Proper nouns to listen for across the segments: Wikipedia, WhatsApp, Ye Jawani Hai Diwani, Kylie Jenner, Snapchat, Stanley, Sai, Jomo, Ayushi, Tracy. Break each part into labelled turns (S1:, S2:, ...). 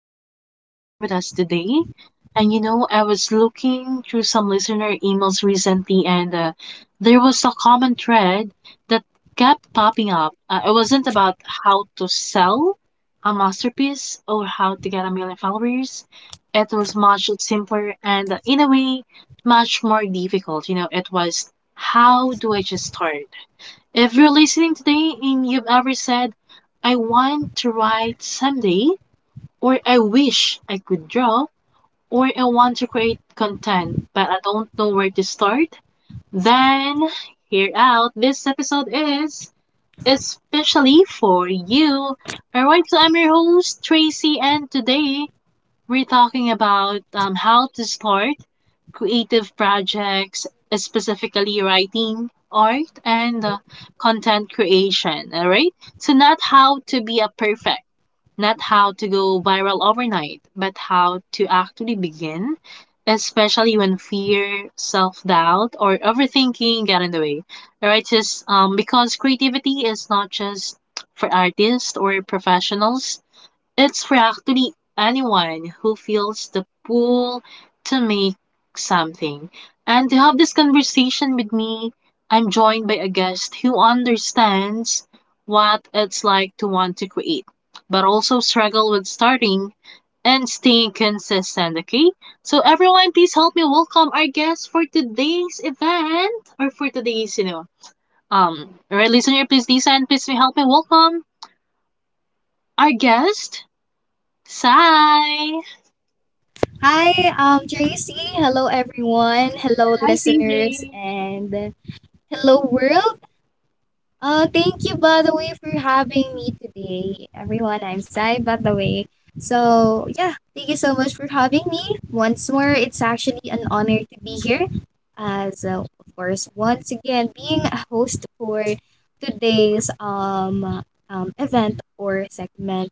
S1: spend some time with us today. And you know, I was looking through some listener emails recently, and there was a common thread that kept popping up. It wasn't about how to sell a masterpiece or how to get a million followers. It was much simpler and in a way, much more difficult. You know, it was, how do I just start? If you're listening today and you've ever said, I want to write someday, or I wish I could draw, or I want to create content, but I don't know where to start, then hear out. This episode is especially for you. Alright, so I'm your host, Tracy, and today we're talking about how to start creative projects, specifically writing, art, and content creation. All right. So, not how to be a perfect, not how to go viral overnight, but how to actually begin, especially when fear, self doubt, or overthinking get in the way. All right. Just because creativity is not just for artists or professionals, it's for actually anyone who feels the pull to make something. And to have this conversation with me, I'm joined by a guest who understands what it's like to want to create, but also struggle with starting and staying consistent, okay? So everyone, please help me welcome our guest for today's event or for all right, listener, please listen, please help me welcome our guest, Sai.
S2: Hi, JC. Hello, everyone. Hello,
S1: Hi,
S2: listeners,
S1: PJ.
S2: and hello, world. Thank you, by the way, for having me today. Everyone, I'm Sai, by the way. So, yeah, thank you so much for having me. Once more, it's actually an honor to be here. As, of course, once again, being a host for today's event or segment.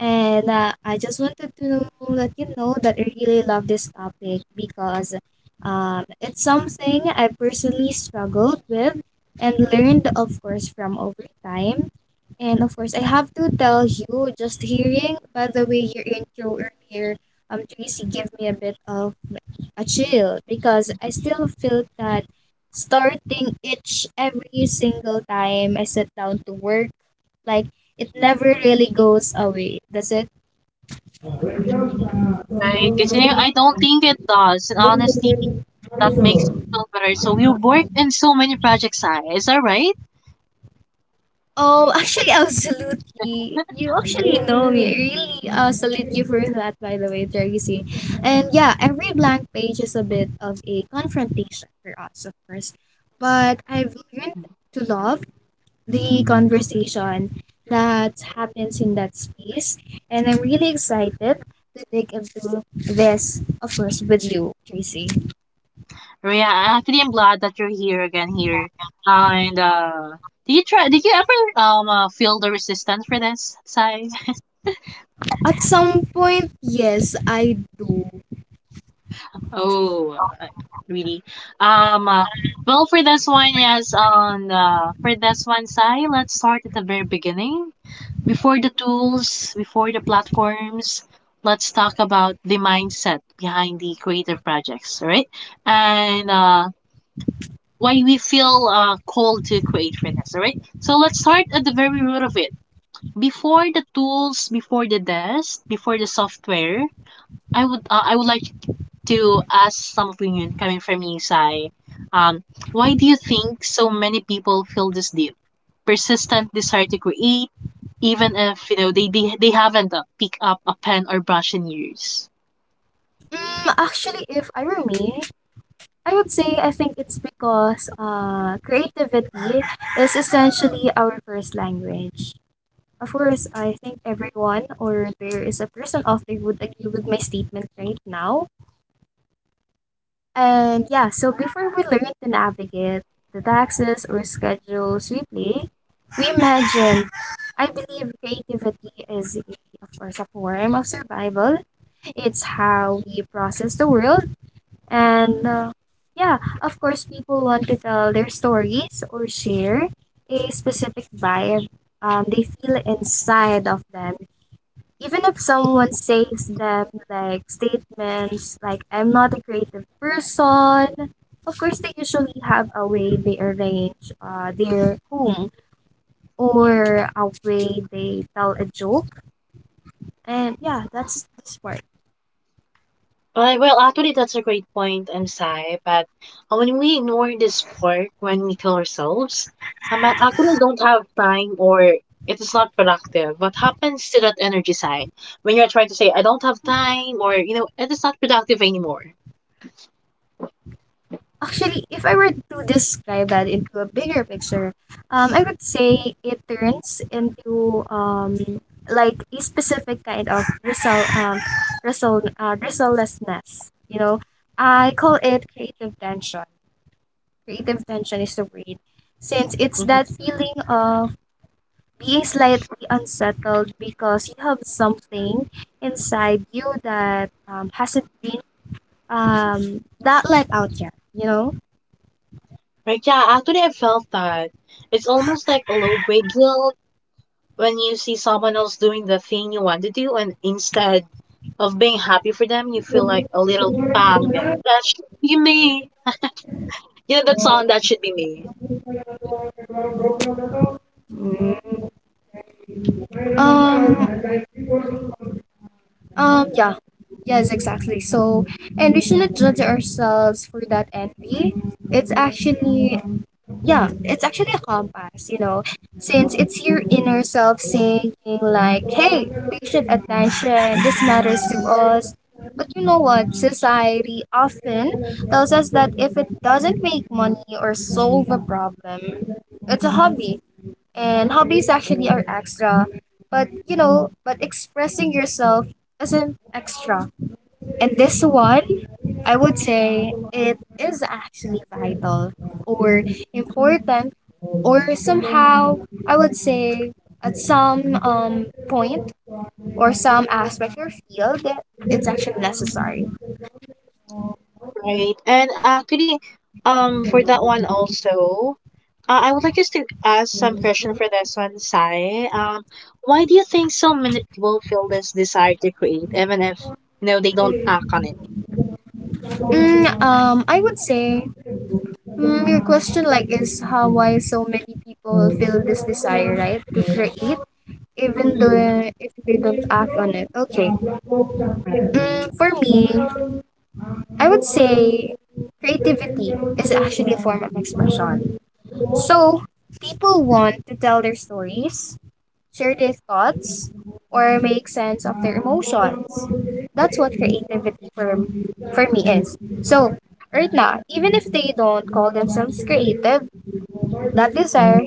S2: And I just wanted to let you know that I really love this topic because it's something I personally struggled with and learned, of course, from over time. And of course, I have to tell you, just hearing, by the way, your intro earlier, Tracy gave me a bit of a chill because I still feel that starting each every single time I sit down to work like it never really goes away, does it?
S1: Right, because I don't think it does. And honestly, that makes me feel better. So we worked in so many projects, Sai. Is that right?
S2: Oh, actually, absolutely. You actually know me. I really, salute you for that, by the way, Tracy. And yeah, every blank page is a bit of a confrontation for us, of course. But I've learned to love the conversation that happens in that space. And I'm really excited to dig into this, of course, with you, Tracy.
S1: Yeah, actually, I'm glad that you're here again here. Ah, and did you try? Did you ever feel the resistance for this, Sai?
S2: At some point, yes, I do.
S1: Oh, uh, really? Um, uh, well, for this one, yes. On for this one, Sai, let's start at the very beginning. Before the tools, before the platforms, let's talk about the mindset behind the creative projects, all right? And why we feel called to create for this, all right? So let's start at the very root of it. Before the tools, before the desk, before the software, I would like to ask some opinion coming from you, Sai. Um, why do you think so many people feel this deep, persistent desire to create, even if you know they haven't picked up a pen or brush in years?
S2: Mm, actually, if I were me, I would say I think it's because creativity is essentially our first language. Of course, I think everyone or there is a person out there would agree with my statement right now. And yeah, so before we learn to navigate the taxes or schedules we play, we imagine. I believe creativity is, of course, a form of survival. It's how we process the world. And yeah, of course, people want to tell their stories or share a specific vibe they feel inside of them. Even if someone says them like statements like, I'm not a creative person, of course, they usually have a way they arrange their home or a way they tell a joke. And yeah, that's the smart.
S1: Well, actually, that's a great point, I'm but when we ignore this work, when we kill ourselves, I actually don't have time or it is not productive. What happens to that energy side when you're trying to say, I don't have time or, you know, it is not productive anymore?
S2: Actually, if I were to describe that into a bigger picture, I would say it turns into like a specific kind of resultlessness. You know, I call it creative tension. Creative tension is the word, since it's
S1: Hmm.
S2: that feeling of being slightly unsettled because you have something inside you that hasn't been that let out yet. You
S1: Right, yeah, actually, I felt that it's almost like a low grade guilt when you see someone else doing the thing you want to do, and instead of being happy for them, you feel like
S2: know.
S1: a little pang that, that should be me. You know that song? That should be me,
S2: Um, yeah, yes, exactly. So, and we shouldn't judge ourselves for that envy. It's actually, yeah, it's actually a compass, you know, since it's your inner self saying, like, hey, patient attention, this matters to us. But you know what? Society often tells us that if it doesn't make money or solve a problem, it's a hobby, and hobbies actually are extra, but you know, but expressing yourself isn't extra, and this one, I would say it is actually vital, or important, or somehow, I would say at some point or some aspect or field, it's actually necessary.
S1: right? And actually, for that one also, I would like just to ask some question for this one, Sai. Why do you think so many people feel this desire to create, even if you know they don't act on it?
S2: I would say, mm, your question like is how why so many people feel this desire right to create even
S1: Mhm.
S2: though if they don't act on it. Okay.
S1: Right,
S2: Mm, for me, I would say creativity is actually a form of expression. So people want to tell their stories, share their thoughts, or make sense of their emotions. That's what creativity for me is. So right now, even if they don't call themselves creative, that desire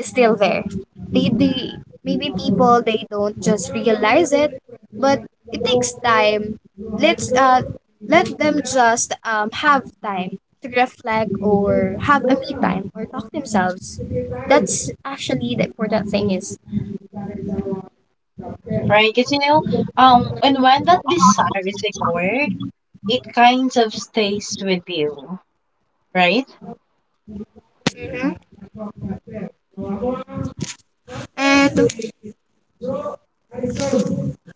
S2: still there. They Maybe people they don't just realize it, but it takes time. Let's let them just have time to reflect or have a me time or talk themselves. That's actually the important thing is.
S1: right. Because you know, and when that desire is ignored, it kind of stays with you, right?
S2: And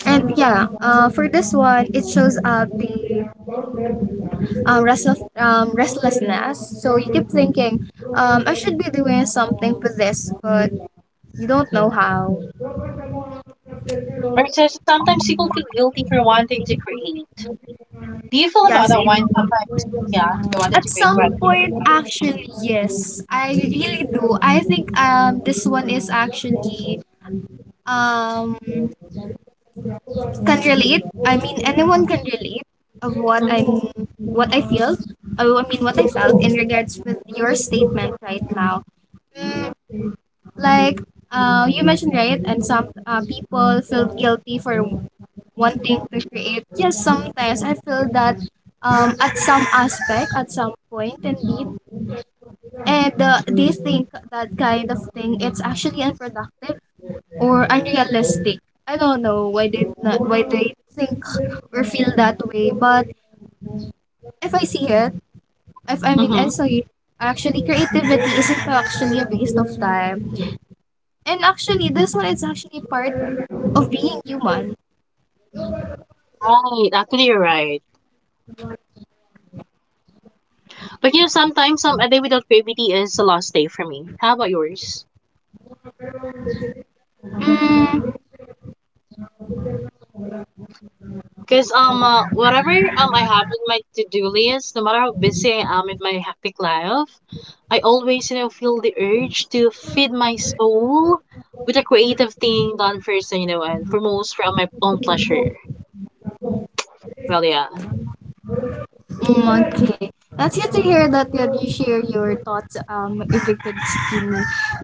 S2: and yeah, for this one it shows up the restlessness. So you keep thinking, I should be doing something for this, but you don't know how.
S1: Or so sometimes people feel guilty for wanting to create. Do you feel about
S2: Yes,
S1: that
S2: it
S1: one? Papa? Yeah, you wanted
S2: at
S1: to create, but
S2: some
S1: you know.
S2: point, actually, yes, I really do. I think this one is actually um can relate. I mean, anyone can relate of what I'm
S1: Mhm,
S2: what I feel. Oh, I mean, what I felt in regards with your statement right now. Mm, like you mentioned right, and some people feel guilty for wanting to create. Yes, sometimes I feel that at some aspect, at some point, indeed, and these think that kind of thing it's actually unproductive or unrealistic. I don't know why they not, why they think or feel that way, but if I see it, if I mean I
S1: mhm.
S2: saw it, actually creativity isn't actually a waste of time, and actually this one is actually part of being human.
S1: Right, actually you're right. But you know, sometimes a day without gravity is a lost day for me. How about yours?
S2: Mm,
S1: Because whatever I have in my to-do list, no matter how busy I am in my hectic life, I always you know feel the urge to feed my soul with a creative thing done first, you know, and promotes from my own pleasure. Well, yeah.
S2: mm, okay. That's good to hear that, that you share your thoughts evicted skin.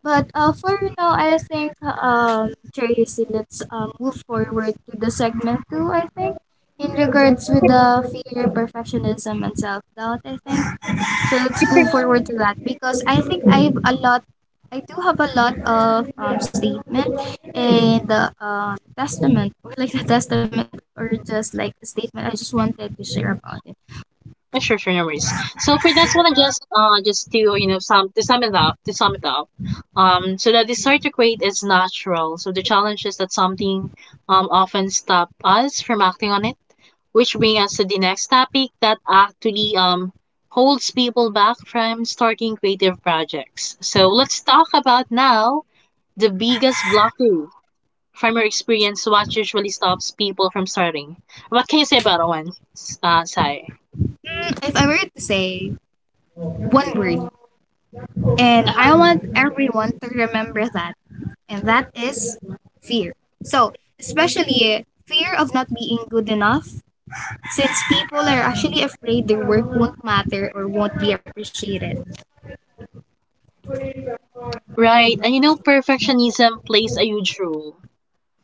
S2: But for now I think Tracy, let's move forward to the segment two, I think, in regards with the fear, perfectionism and self doubt, I think. So let's move forward to that because I think I've a lot I do have a lot of statement and the testament or like the testament or just like a statement I just wanted to share about it.
S1: Yeah, sure, sure, no worries. So for this one, I'm just to you know sum to sum it up to sum it up, so that desire to create is natural. So the challenge is that something often stop us from acting on it, which brings us to the next topic that actually holds people back from starting creative projects. So let's talk about now the biggest blockade from your experience. What usually stops people from starting? What can you say about that one, Sai?
S2: If I were to say one word, and I want everyone to remember that, and that is fear. So, especially fear of not being good enough, since people are actually afraid their work won't matter or won't be appreciated.
S1: Right, and you know, perfectionism plays a huge role.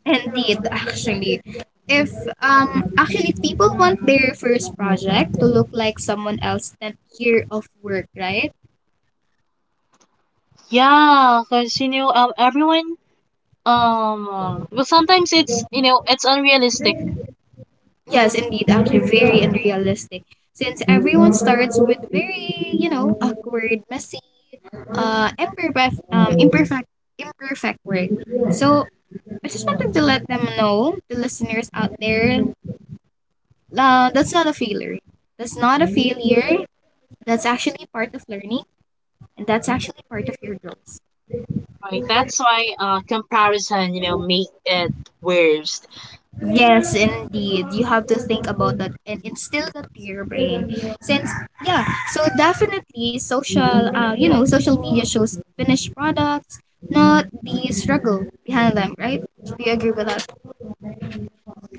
S2: Indeed, actually. If actually people want their first project to look like someone else's 10th year of work, right?
S1: Yeah, because you know, well, sometimes it's you know, it's unrealistic,
S2: Yes, indeed, actually very unrealistic. Since everyone starts with very, you know, awkward, messy, uh, imperfect, um, imperfect, imperfect work. So I just wanted to let them know, the listeners out there, that's not a failure. That's not a failure. That's actually part of learning, and that's actually part of your growth.
S1: right? That's why comparison, you know, make it worst.
S2: Yes, indeed. You have to think about that and instill that to your brain. Since yeah, so definitely social you know, social media shows finished products, not the struggle behind them, right? Do you agree with that?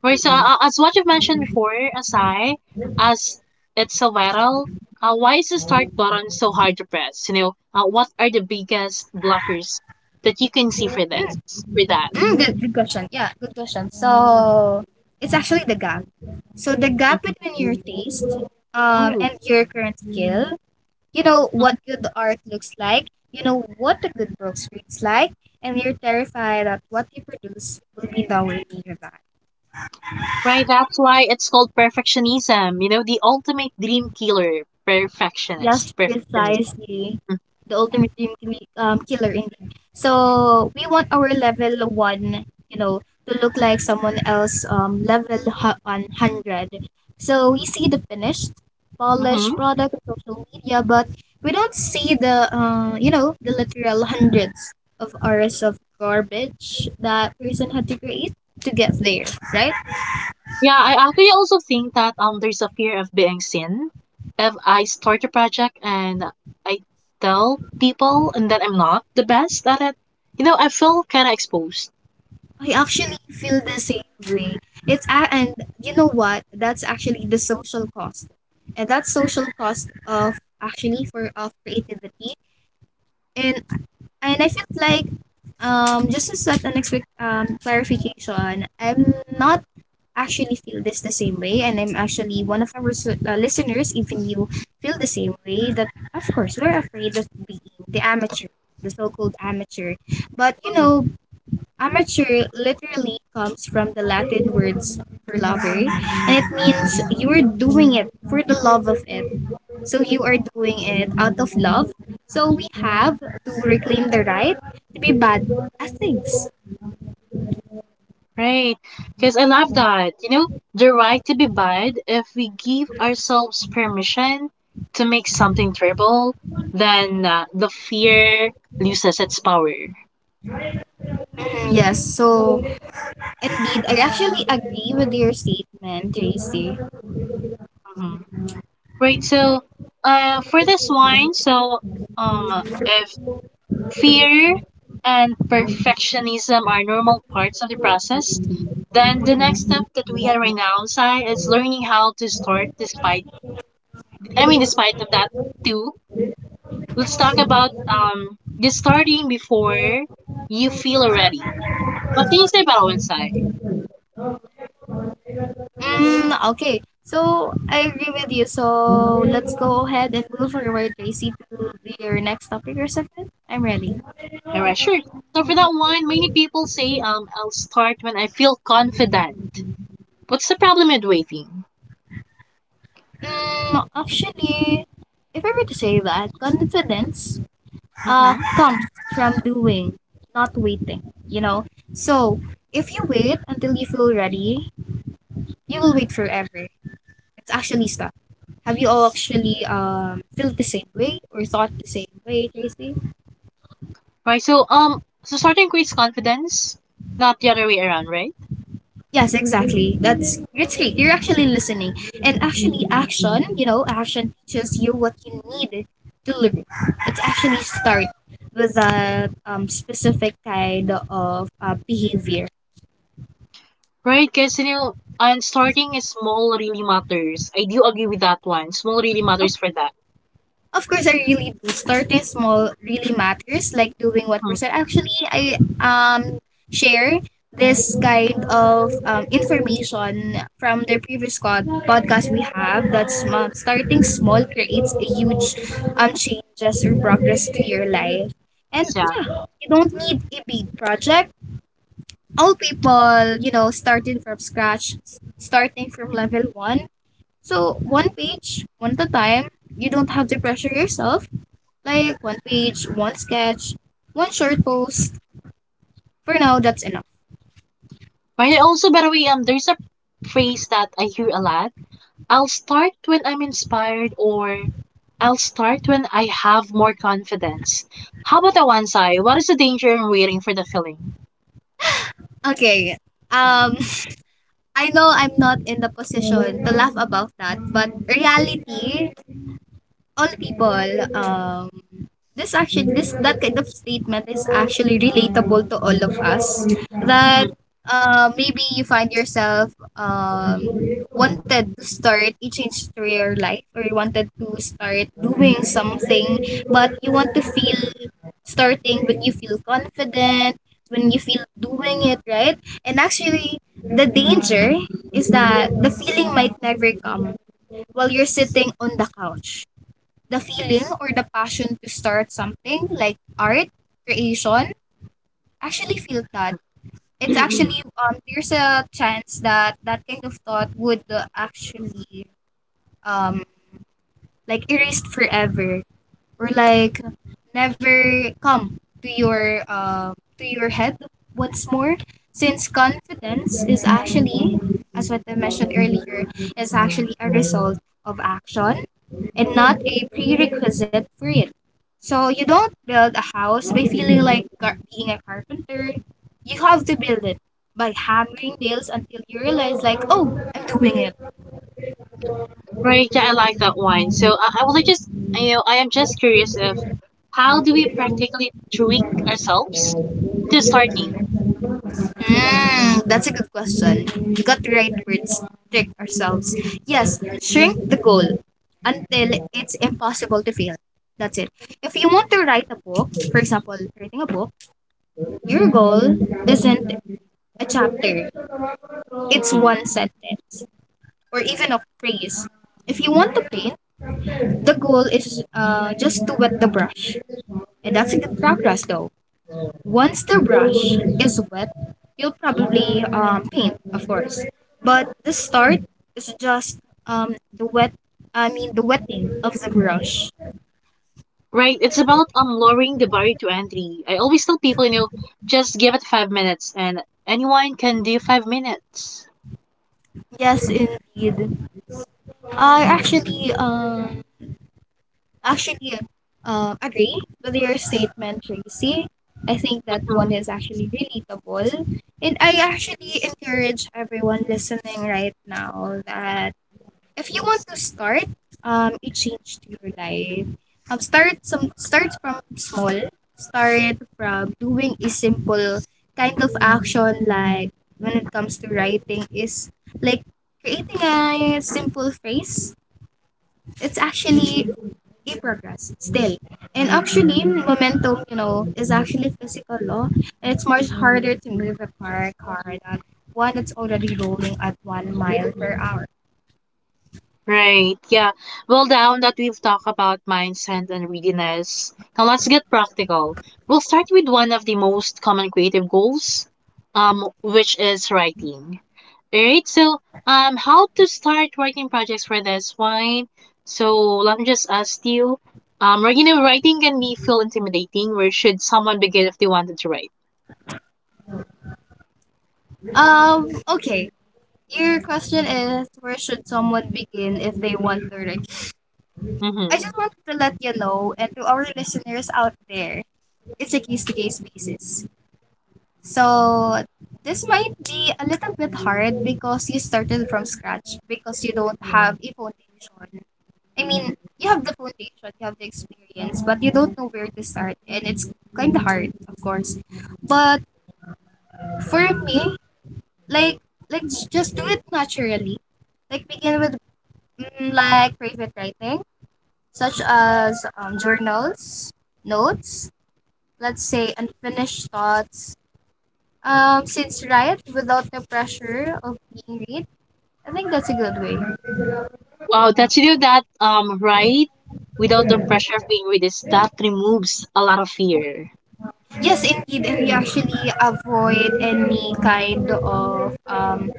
S1: Right, so as what you've mentioned before, Asai, as it's a viral, why is the start button so hard to press? You know, what are the biggest blockers that you can see for this, for that?
S2: Mm, good question. Yeah, good question. So it's actually the gap. So the gap between your taste
S1: Mm-hmm.
S2: and your current skill. You know what good art looks like, you know what a good book reads like, and you're terrified that what you produce will be nowhere near that.
S1: Right, that's why it's called perfectionism. You know, the ultimate dream killer,
S2: Yes,
S1: perfectionism.
S2: precisely. The ultimate killer indeed. So we want our level one, you know, to look like someone else level 100. So we see the finished, polished
S1: Mm-hmm.
S2: product on social media, but we don't see the you know the literal hundreds of hours of garbage that person had to create to get there, right?
S1: Yeah, I actually also think that there's a fear of being seen. If I start a project and I tell people and that I'm not the best at it, you know, I feel kind of exposed.
S2: I actually feel the same way. It's a and You know what? That's actually the social cost, and that social cost of actually for of creativity. And and I feel like just to set an expect clarification, I'm not actually feel this the same way, and I'm actually one of our listeners. Even you feel the same way. That of course we're afraid of being the amateur, the so-called amateur. But you know, amateur literally comes from the Latin words for lover, and it means you are doing it for the love of it. So you are doing it out of love. So we have to reclaim the right to be bad as things.
S1: Right. Because I love that. You know, the right to be bad, if we give ourselves permission to make something terrible, then the fear loses its power.
S2: Mhm. Yes, so indeed, I actually agree with your statement, Tracy.
S1: Hmm. Right. So, for this one, so if fear and perfectionism are normal parts of the process, then the next step that we had right now, Sai, is learning how to start despite, I mean, despite of that too. Let's talk about just starting before you feel ready. What things about bawang?
S2: Mm, okay, so I agree with you. So let's go ahead and move forward, Tracy, to your next topic or segment. I'm ready.
S1: Alright, sure. So for that one, many people say I'll start when I feel confident. What's the problem with waiting?
S2: Mm, actually, if I were to say that, confidence
S1: Mm-hmm.
S2: comes from doing, not waiting, you know? So, if you wait until you feel ready, you will wait forever. It's actually stuff. Have you all actually felt the same way or thought the same way, Tracy?
S1: Right. So so starting creates confidence, not the other way around, right?
S2: Yes, exactly. That's great. You're actually listening. And actually action, you know, action teaches you what you need to learn. It's actually start with a specific kind of behavior.
S1: Right, because you know and starting is small really matters. I do agree with that one. Small really
S2: Of
S1: matters for that.
S2: Of course, I really do. Starting small really matters, like doing what
S1: Mm,
S2: percent. Actually, I share this kind of information from the previous podcast we have that's starting small creates a huge changes or progress to your life. And
S1: that's yeah.
S2: yeah, you don't need a big project. All people, you know, starting from scratch, starting from level one. So one page, one at a time. You don't have to pressure yourself like, one page, one sketch, one short post. For now, that's enough.
S1: Right. Also, by the way, there's a phrase that I hear a lot, I'll start when I'm inspired or I'll start when I have more confidence. How about that one, Sai? What is the danger in waiting for the feeling?
S2: Okay. Um, I know I'm not in the position to laugh about that, but reality all people um this action this that kind of statement is actually relatable to all of us that
S1: Mhm.
S2: maybe you find yourself wanted to start a change to your life or you wanted to start doing something, but you want to feel starting when you feel confident, when you feel doing it right. And actually the danger is that the feeling might never come while you're sitting on the couch. The feeling or the passion to start something like art creation, actually feel that it's actually there's a chance that that kind of thought would actually um like erased forever, or like never come to your head once more, since confidence is actually, as what I mentioned earlier, is actually a result of action and not a prerequisite for it. So you don't build a house by feeling like being a carpenter. You have to build it by hammering nails until you realize like, oh, I'm doing it.
S1: Right, yeah, I like that one. So I was just, you know, I am just curious of how do we practically trick ourselves to starting?
S2: Mm, that's a good question. You got the right words. Trick ourselves. Yes, shrink the goal until it's impossible to fail. That's it. If you want to write a book, for example, writing a book, your goal isn't a chapter, it's
S1: Mhm.
S2: one sentence. Or even a phrase. If you want to paint, the goal is just to wet the brush. And that's a good progress though. Once the brush is wet, you'll probably paint, of course. But the start is just the the wetting of the brush.
S1: Right, it's about lowering the barrier to entry. I always tell people, you know, just give it five minutes and anyone can do five minutes.
S2: Yes, indeed. I actually agree with your statement, Tracy. I think that one
S1: Mm-hmm.
S2: is actually relatable. And I actually encourage everyone listening right now that if you want to start a change to your life, start from small. Start from doing a simple kind of action like when it comes to writing is like creating a simple phrase. It's actually you progress still. And actually, momentum, you know, is actually physical law. And it's much harder to move a parked car than one that's already rolling at 1 mile per hour.
S1: Right. Yeah. Well, now that we've talked about mindset and readiness, now let's get practical. We'll start with one of the most common creative goals, which is writing. All right. So, how to start writing projects for this one? So let me just ask you, right, you know, writing can be feel intimidating. Where should someone begin if they wanted to write?
S2: Okay. Your question is where should someone begin if they want to learn? I
S1: Mm-hmm.
S2: just wanted to let you know and to our listeners out there, it's a case to case basis. So this might be a little bit hard because you started from scratch, because you don't have a foundation. I mean, you have the foundation, you have the experience, but you don't know where to start, and it's kind of hard, of course. But for me, like, just do it naturally. Like begin with like private writing, such as journals, notes, let's say unfinished thoughts. Since write without the pressure of being read, I think that's a good way.
S1: Wow, that you do that, right, without the pressure of being read, is that removes a lot of fear.
S2: Yes, indeed, and you actually avoid any kind of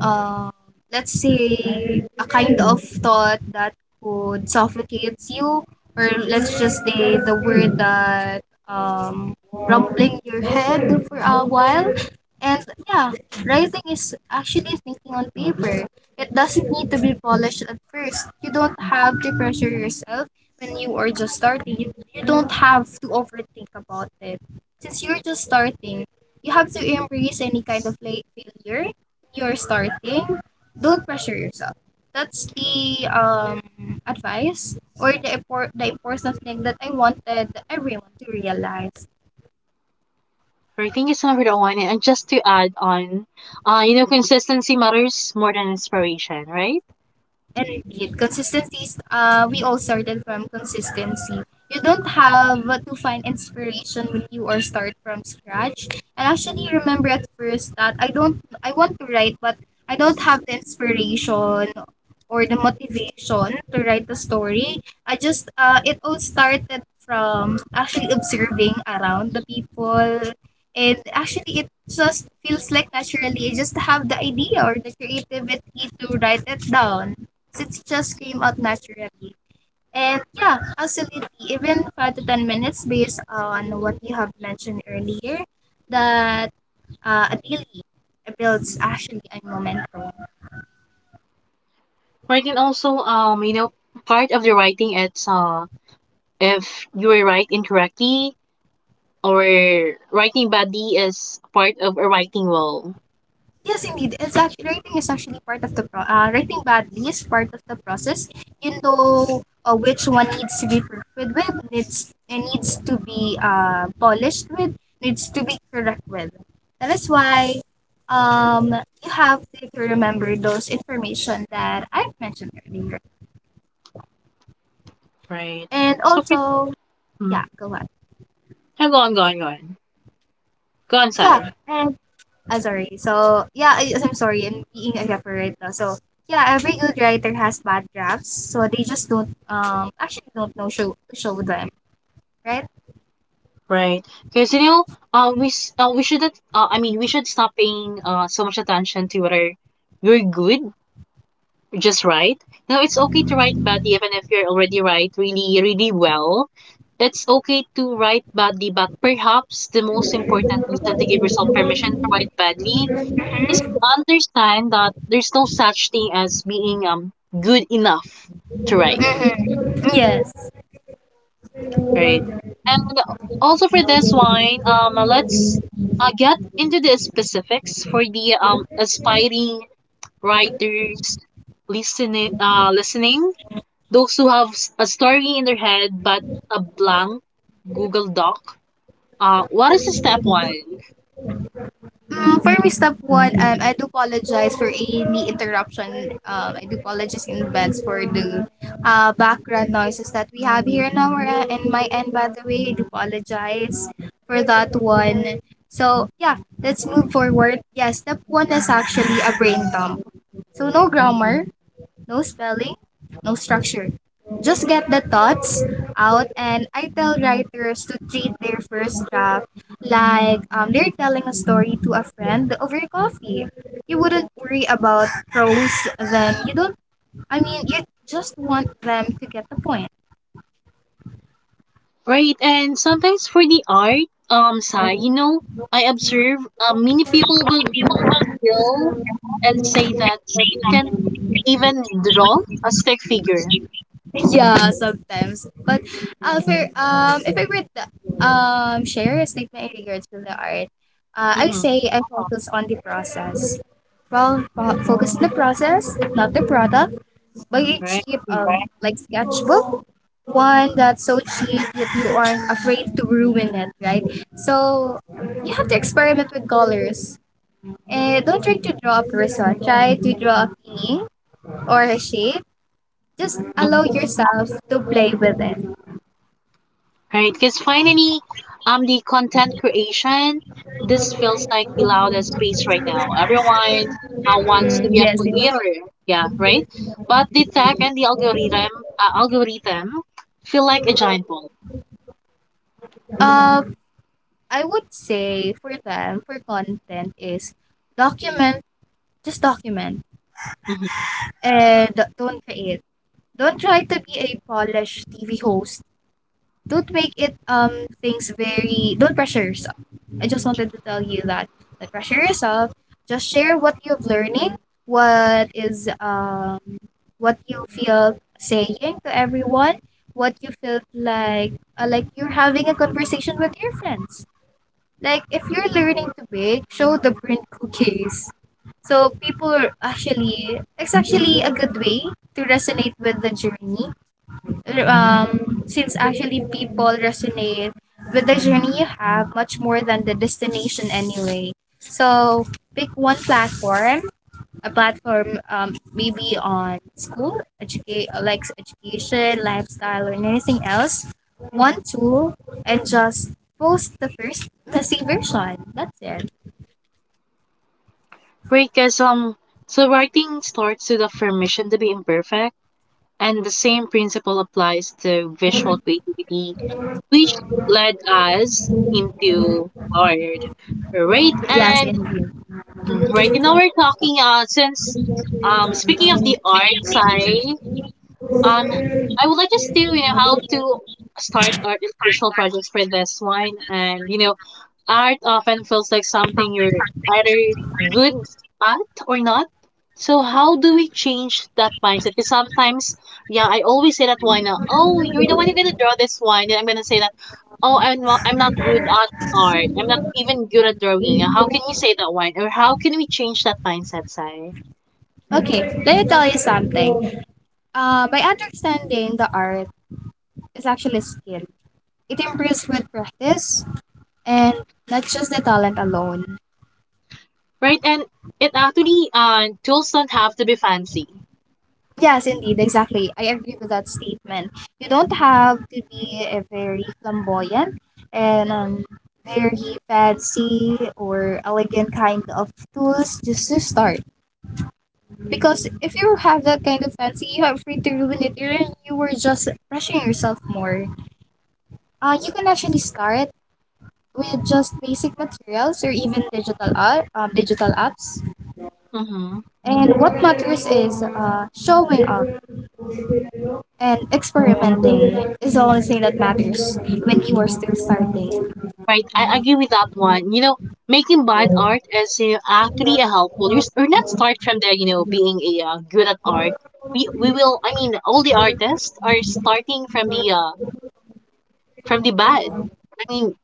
S2: uh, let's say a kind of thought that could suffocate you, or let's just say the word that um rumbling your head for a while. And yeah, writing is actually thinking on paper. It doesn't need to be polished at first. You don't have to pressure yourself when you are just starting. You don't have to overthink about it. Since you're just starting, you have to embrace any kind of late failure. You're starting, don't pressure yourself. That's the advice, or the, the important thing that I wanted everyone to realize.
S1: Right, thank you so much for that one. And just to add on, you know, consistency matters more than inspiration, right?
S2: And repeat. Consistencies, we all started from consistency. You don't have to find inspiration when you are start from scratch. And actually remember at first that I don't, I want to write, but I don't have the inspiration or the motivation to write the story. I just, it all started from actually observing around the people, and actually it just feels like naturally I just have the idea or the creativity to write it down. So it just came out naturally. And yeah, absolutely. Even 5 to 10 minutes based on what you have mentioned earlier, that a daily builds actually a momentum.
S1: Right, and also, you know, part of the writing, it's if you were write incorrectly or writing badly is part of a writing role,
S2: Yes, indeed. It's actually writing badly is part of the process. You know, which one needs to be perfect with, needs to be polished with, needs to be correct with. That is why um you have to remember those information that I've mentioned earlier.
S1: right?
S2: And
S1: So, for-
S2: also,
S1: mm,
S2: yeah, go on.
S1: yeah, go on,
S2: Yeah,
S1: Sai.
S2: and ah, sorry. So, yeah, I'm sorry. I'm being a rapper right. So, yeah, every good writer has bad drafts. So, they just don't, actually don't know show, them, right?
S1: Right, because you know, we shouldn't, I mean, we should stop paying so much attention to whether you're good, just write. Now it's okay to write bad even if you're already right really, really well. It's okay to write badly, but perhaps the most important reason to give yourself permission to write badly is to understand that there's no such thing as being good enough to write,
S2: Mm-hmm. Yes.
S1: right? And also for this one, let's get into the specifics for the aspiring writers listening, those who have a story in their head but a blank Google Doc. What is the step one?
S2: Mm, for me, step one, I do apologize for any interruption. I do apologize in advance for the background noises that we have here now. We're in my end, by the way. I do apologize for that one. So, yeah, let's move forward. Yeah, step one is actually a brain dump. So, no grammar, no spelling, no structure. Just get the thoughts out, and I tell writers to treat their first draft like they're telling a story to a friend over coffee. You wouldn't worry about prose, then you don't, I mean, you just want them to get the point.
S1: Right, and sometimes for the art, side, you know, I observe many people will be skill and say that, that you can even draw a stick figure.
S2: Yeah, sometimes, but for if I were to share a statement in regards to the art, I
S1: Mm-hmm.
S2: say I focus on the process well focus on the process, not the product. Buy a
S1: Right.
S2: cheap like sketchbook, one that's so cheap that you aren't afraid to ruin it, right? So you have to experiment with colors. Eh, don't try to draw a person, try to draw a thing or a shape. Just allow yourself to play with it.
S1: Right? Because finally, the content creation, this feels like the loudest space right now. Everyone wants to
S2: Mm,
S1: be a
S2: yes.
S1: creator, yeah, right? But the tech and the algorithm, feel like a giant ball.
S2: Uh, I would say for them, for content is document, just document,
S1: Hmm.
S2: and don't create. Don't try to be a polished TV host. Don't make it things very. Don't pressure yourself. I just wanted to tell you that. Don't pressure yourself. Just share what you are learning, what is what you feel saying to everyone, what you feel like you're having a conversation with your friends. Like if you're learning to bake, show the burnt cookies. So people are actually, it's actually a good way to resonate with the journey. Since actually people resonate with the journey you have much more than the destination anyway. So pick one platform, a platform maybe on school educate like education, lifestyle, or anything else, one tool, and just post the first the same version, that's it.
S1: Right? Because so writing starts with the permission to be imperfect, and the same principle applies to visual creativity, which led us into art, right?
S2: Yes,
S1: And
S2: indeed.
S1: Mm, Right. You know, we're talking since Speaking of the arts, I um would like us to, how to start art and visual projects for this one. And art often feels like something you're either good at or not. So how do we change that mindset? Because sometimes, yeah, I always say that wine. Now, oh, you're the one who's gonna draw this wine, and I'm gonna say that, oh, I'm not good at art. I'm not even good at drawing. How can you say that wine? Or how can we change that mindset, Sai?
S2: Okay, let me tell you something. By understanding the art is actually a skill, it improves with practice, and not just the talent alone.
S1: Right, and it actually, tools don't have to be fancy.
S2: Yes, indeed, exactly. I agree with that statement. You don't have to be a very flamboyant and very fancy or elegant kind of tools just to start. Because if you have that kind of fancy, you are free to ruin it. You were just brushing yourself more. You can actually start with just basic materials or even digital art, digital apps.
S1: Mm-hmm.
S2: And what matters is showing up. And experimenting is the only thing that matters when you are still starting.
S1: Right, I agree with that one. You know, making bad art is actually a helpful. Or not start from the being a good at art. We will. I mean, all the artists are starting from the bad. I mean,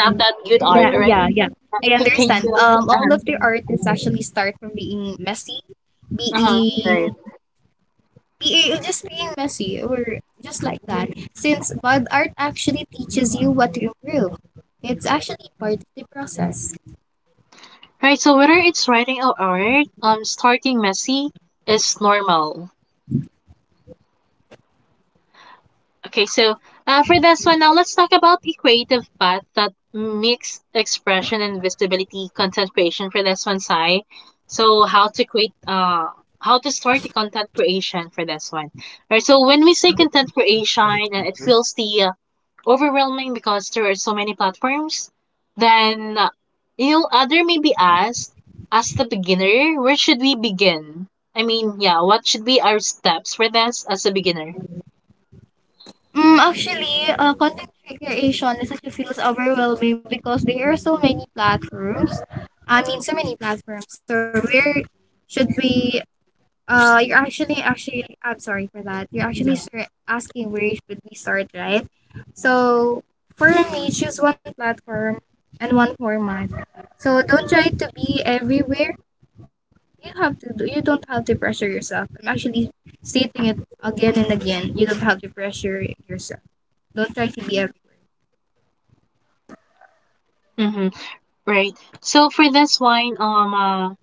S1: not that good art. All right.
S2: Yeah. I
S1: Can, can
S2: understand.
S1: you?
S2: All of the artists actually start from being messy,
S1: Uh huh. Right.
S2: being, being, just being messy, or just like that. Since bud art actually teaches you what to improve, it's actually part of the process.
S1: Right. So whether it's writing or art, starting messy is normal. Okay, so for this one, now let's talk about the creative path that mix expression and visibility content creation for this one, Sai. So how to create, how to start the content creation for this one. Right. So when we say content creation, it feels the overwhelming because there are so many platforms. Then you'll other may be asked, as the beginner, where should we begin? I mean, yeah, what should be our steps for this as a beginner?
S2: Mm, actually, content creation is actually feels overwhelming because there are so many platforms. I mean, so many platforms. So where should we you're actually actually I'm sorry for that. You're actually. Yeah. Start asking where should we start, right? So for me, choose one platform and one format. So don't try to be everywhere. You don't have to pressure yourself. I'm actually stating it again and again. You don't have to pressure yourself. Don't try to be every.
S1: Mm-hmm. Right. So for this wine,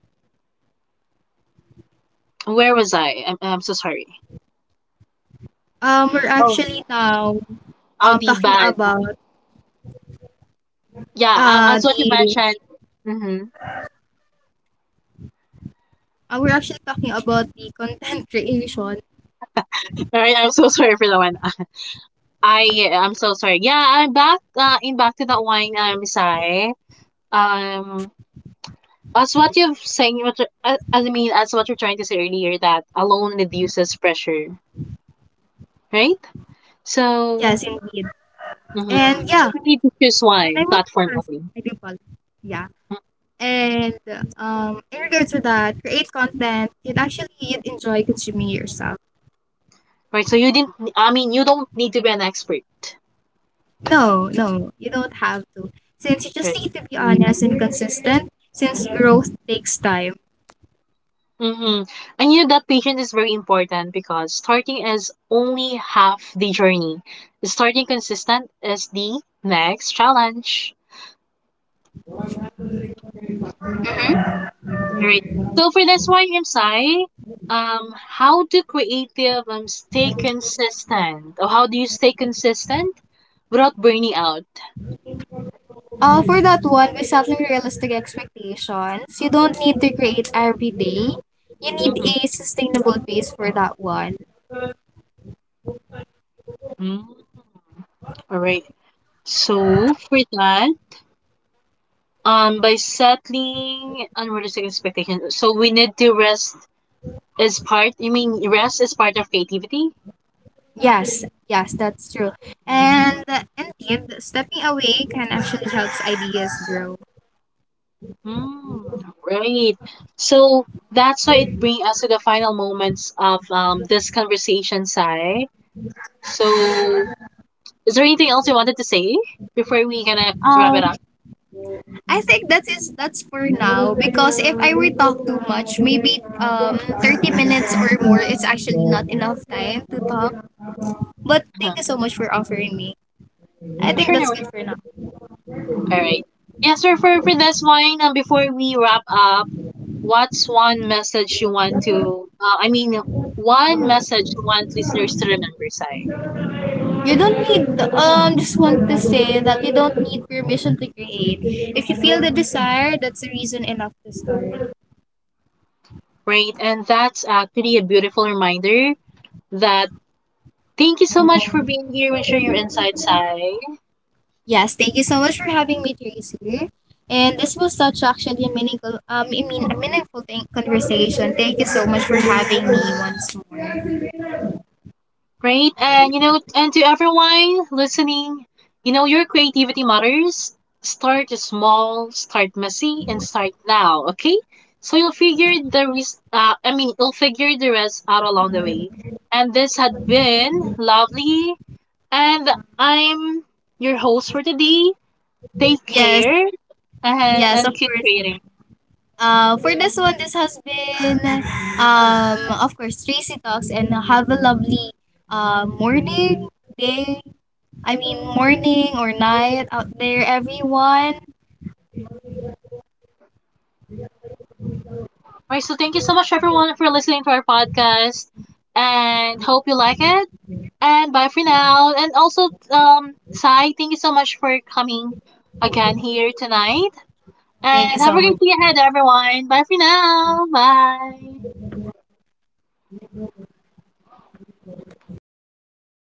S1: where was I? I'm so sorry.
S2: We're
S1: Oh,
S2: actually now
S1: Audi
S2: talking
S1: bad.
S2: about
S1: Yeah, as what you
S2: the
S1: mentioned. Mm-hmm.
S2: we're actually talking about the content creation.
S1: All right, I'm so sorry for that one. I'm so sorry. Yeah, I'm back in back to that wine, Sai. Um, as what you've saying, I mean, as what you're trying to say earlier, that alone reduces pressure, right? So,
S2: Yes, indeed.
S1: mm-hmm,
S2: And
S1: so
S2: yeah,
S1: we need to choose
S2: and I
S1: one
S2: want
S1: platform
S2: to ask,
S1: only,
S2: I do apologize. Yeah. And in regards to that, create content you'd enjoy consuming yourself.
S1: right? So you didn't. I mean, you don't need to be an expert.
S2: No, no, you don't have to. Since you just
S1: Right?
S2: need to be honest and consistent, since growth takes time.
S1: Mm-hmm. I knew that patience is very important because starting is only half the journey. Starting consistent is the next challenge. Right. So for this one, I how do creative stay consistent? Or how do you stay consistent without burning out?
S2: For that one, with setting realistic expectations, you don't need to create every day. You need
S1: Mm-hmm.
S2: a sustainable pace for that one.
S1: Mm-hmm. All right. So for that, by settling unrealistic expectations, so we need to rest is part, you mean rest is part of creativity.
S2: Yes, yes, that's true. And indeed, stepping away can actually helps ideas grow.
S1: Hmm. Right. So that's why it brings us to the final moments of this conversation, Sai. So is there anything else you wanted to say before we gonna wrap it up?
S2: I think that is that's for now, because if I were talk too much, maybe 30 minutes or more is actually not enough time to talk. But
S1: Uh-huh.
S2: thank you so much for offering me. I think
S1: Sure, no
S2: that's
S1: worries.
S2: good for now.
S1: All right. Yes, sir, for this one, before we wrap up, what's one message you want to, one message you want listeners to remember, Sai?
S2: You don't need just want to say that you don't need permission to create. If you feel the desire, that's a reason enough to start.
S1: Right, and that's actually a beautiful reminder that. Thank you so much for being here and share your insights, Sai.
S2: Yes, thank you so much for having me, Tracy. And this was such actually a meaningful, a meaningful thing, conversation. Thank you so much for having me once more.
S1: Great. And you know, and to everyone listening, you know, your creativity matters. Start small, start messy, and start now, okay? So you'll figure I mean, you'll figure the rest out along the way. And this had been lovely. And I'm your host for today. Take
S2: Yes,
S1: care and,
S2: yes, of
S1: keep
S2: course.
S1: creating.
S2: For this one, this has been, of course, Tracy Talks, and have a lovely, morning, day. I mean, morning or night out there, everyone.
S1: Alright, so thank you so much everyone for listening to our podcast and hope you like it. And bye for now. And also, Sai, thank you so much for coming again here tonight.
S2: Thank you
S1: And have
S2: so
S1: a
S2: much.
S1: great day ahead everyone. Bye for now. Bye.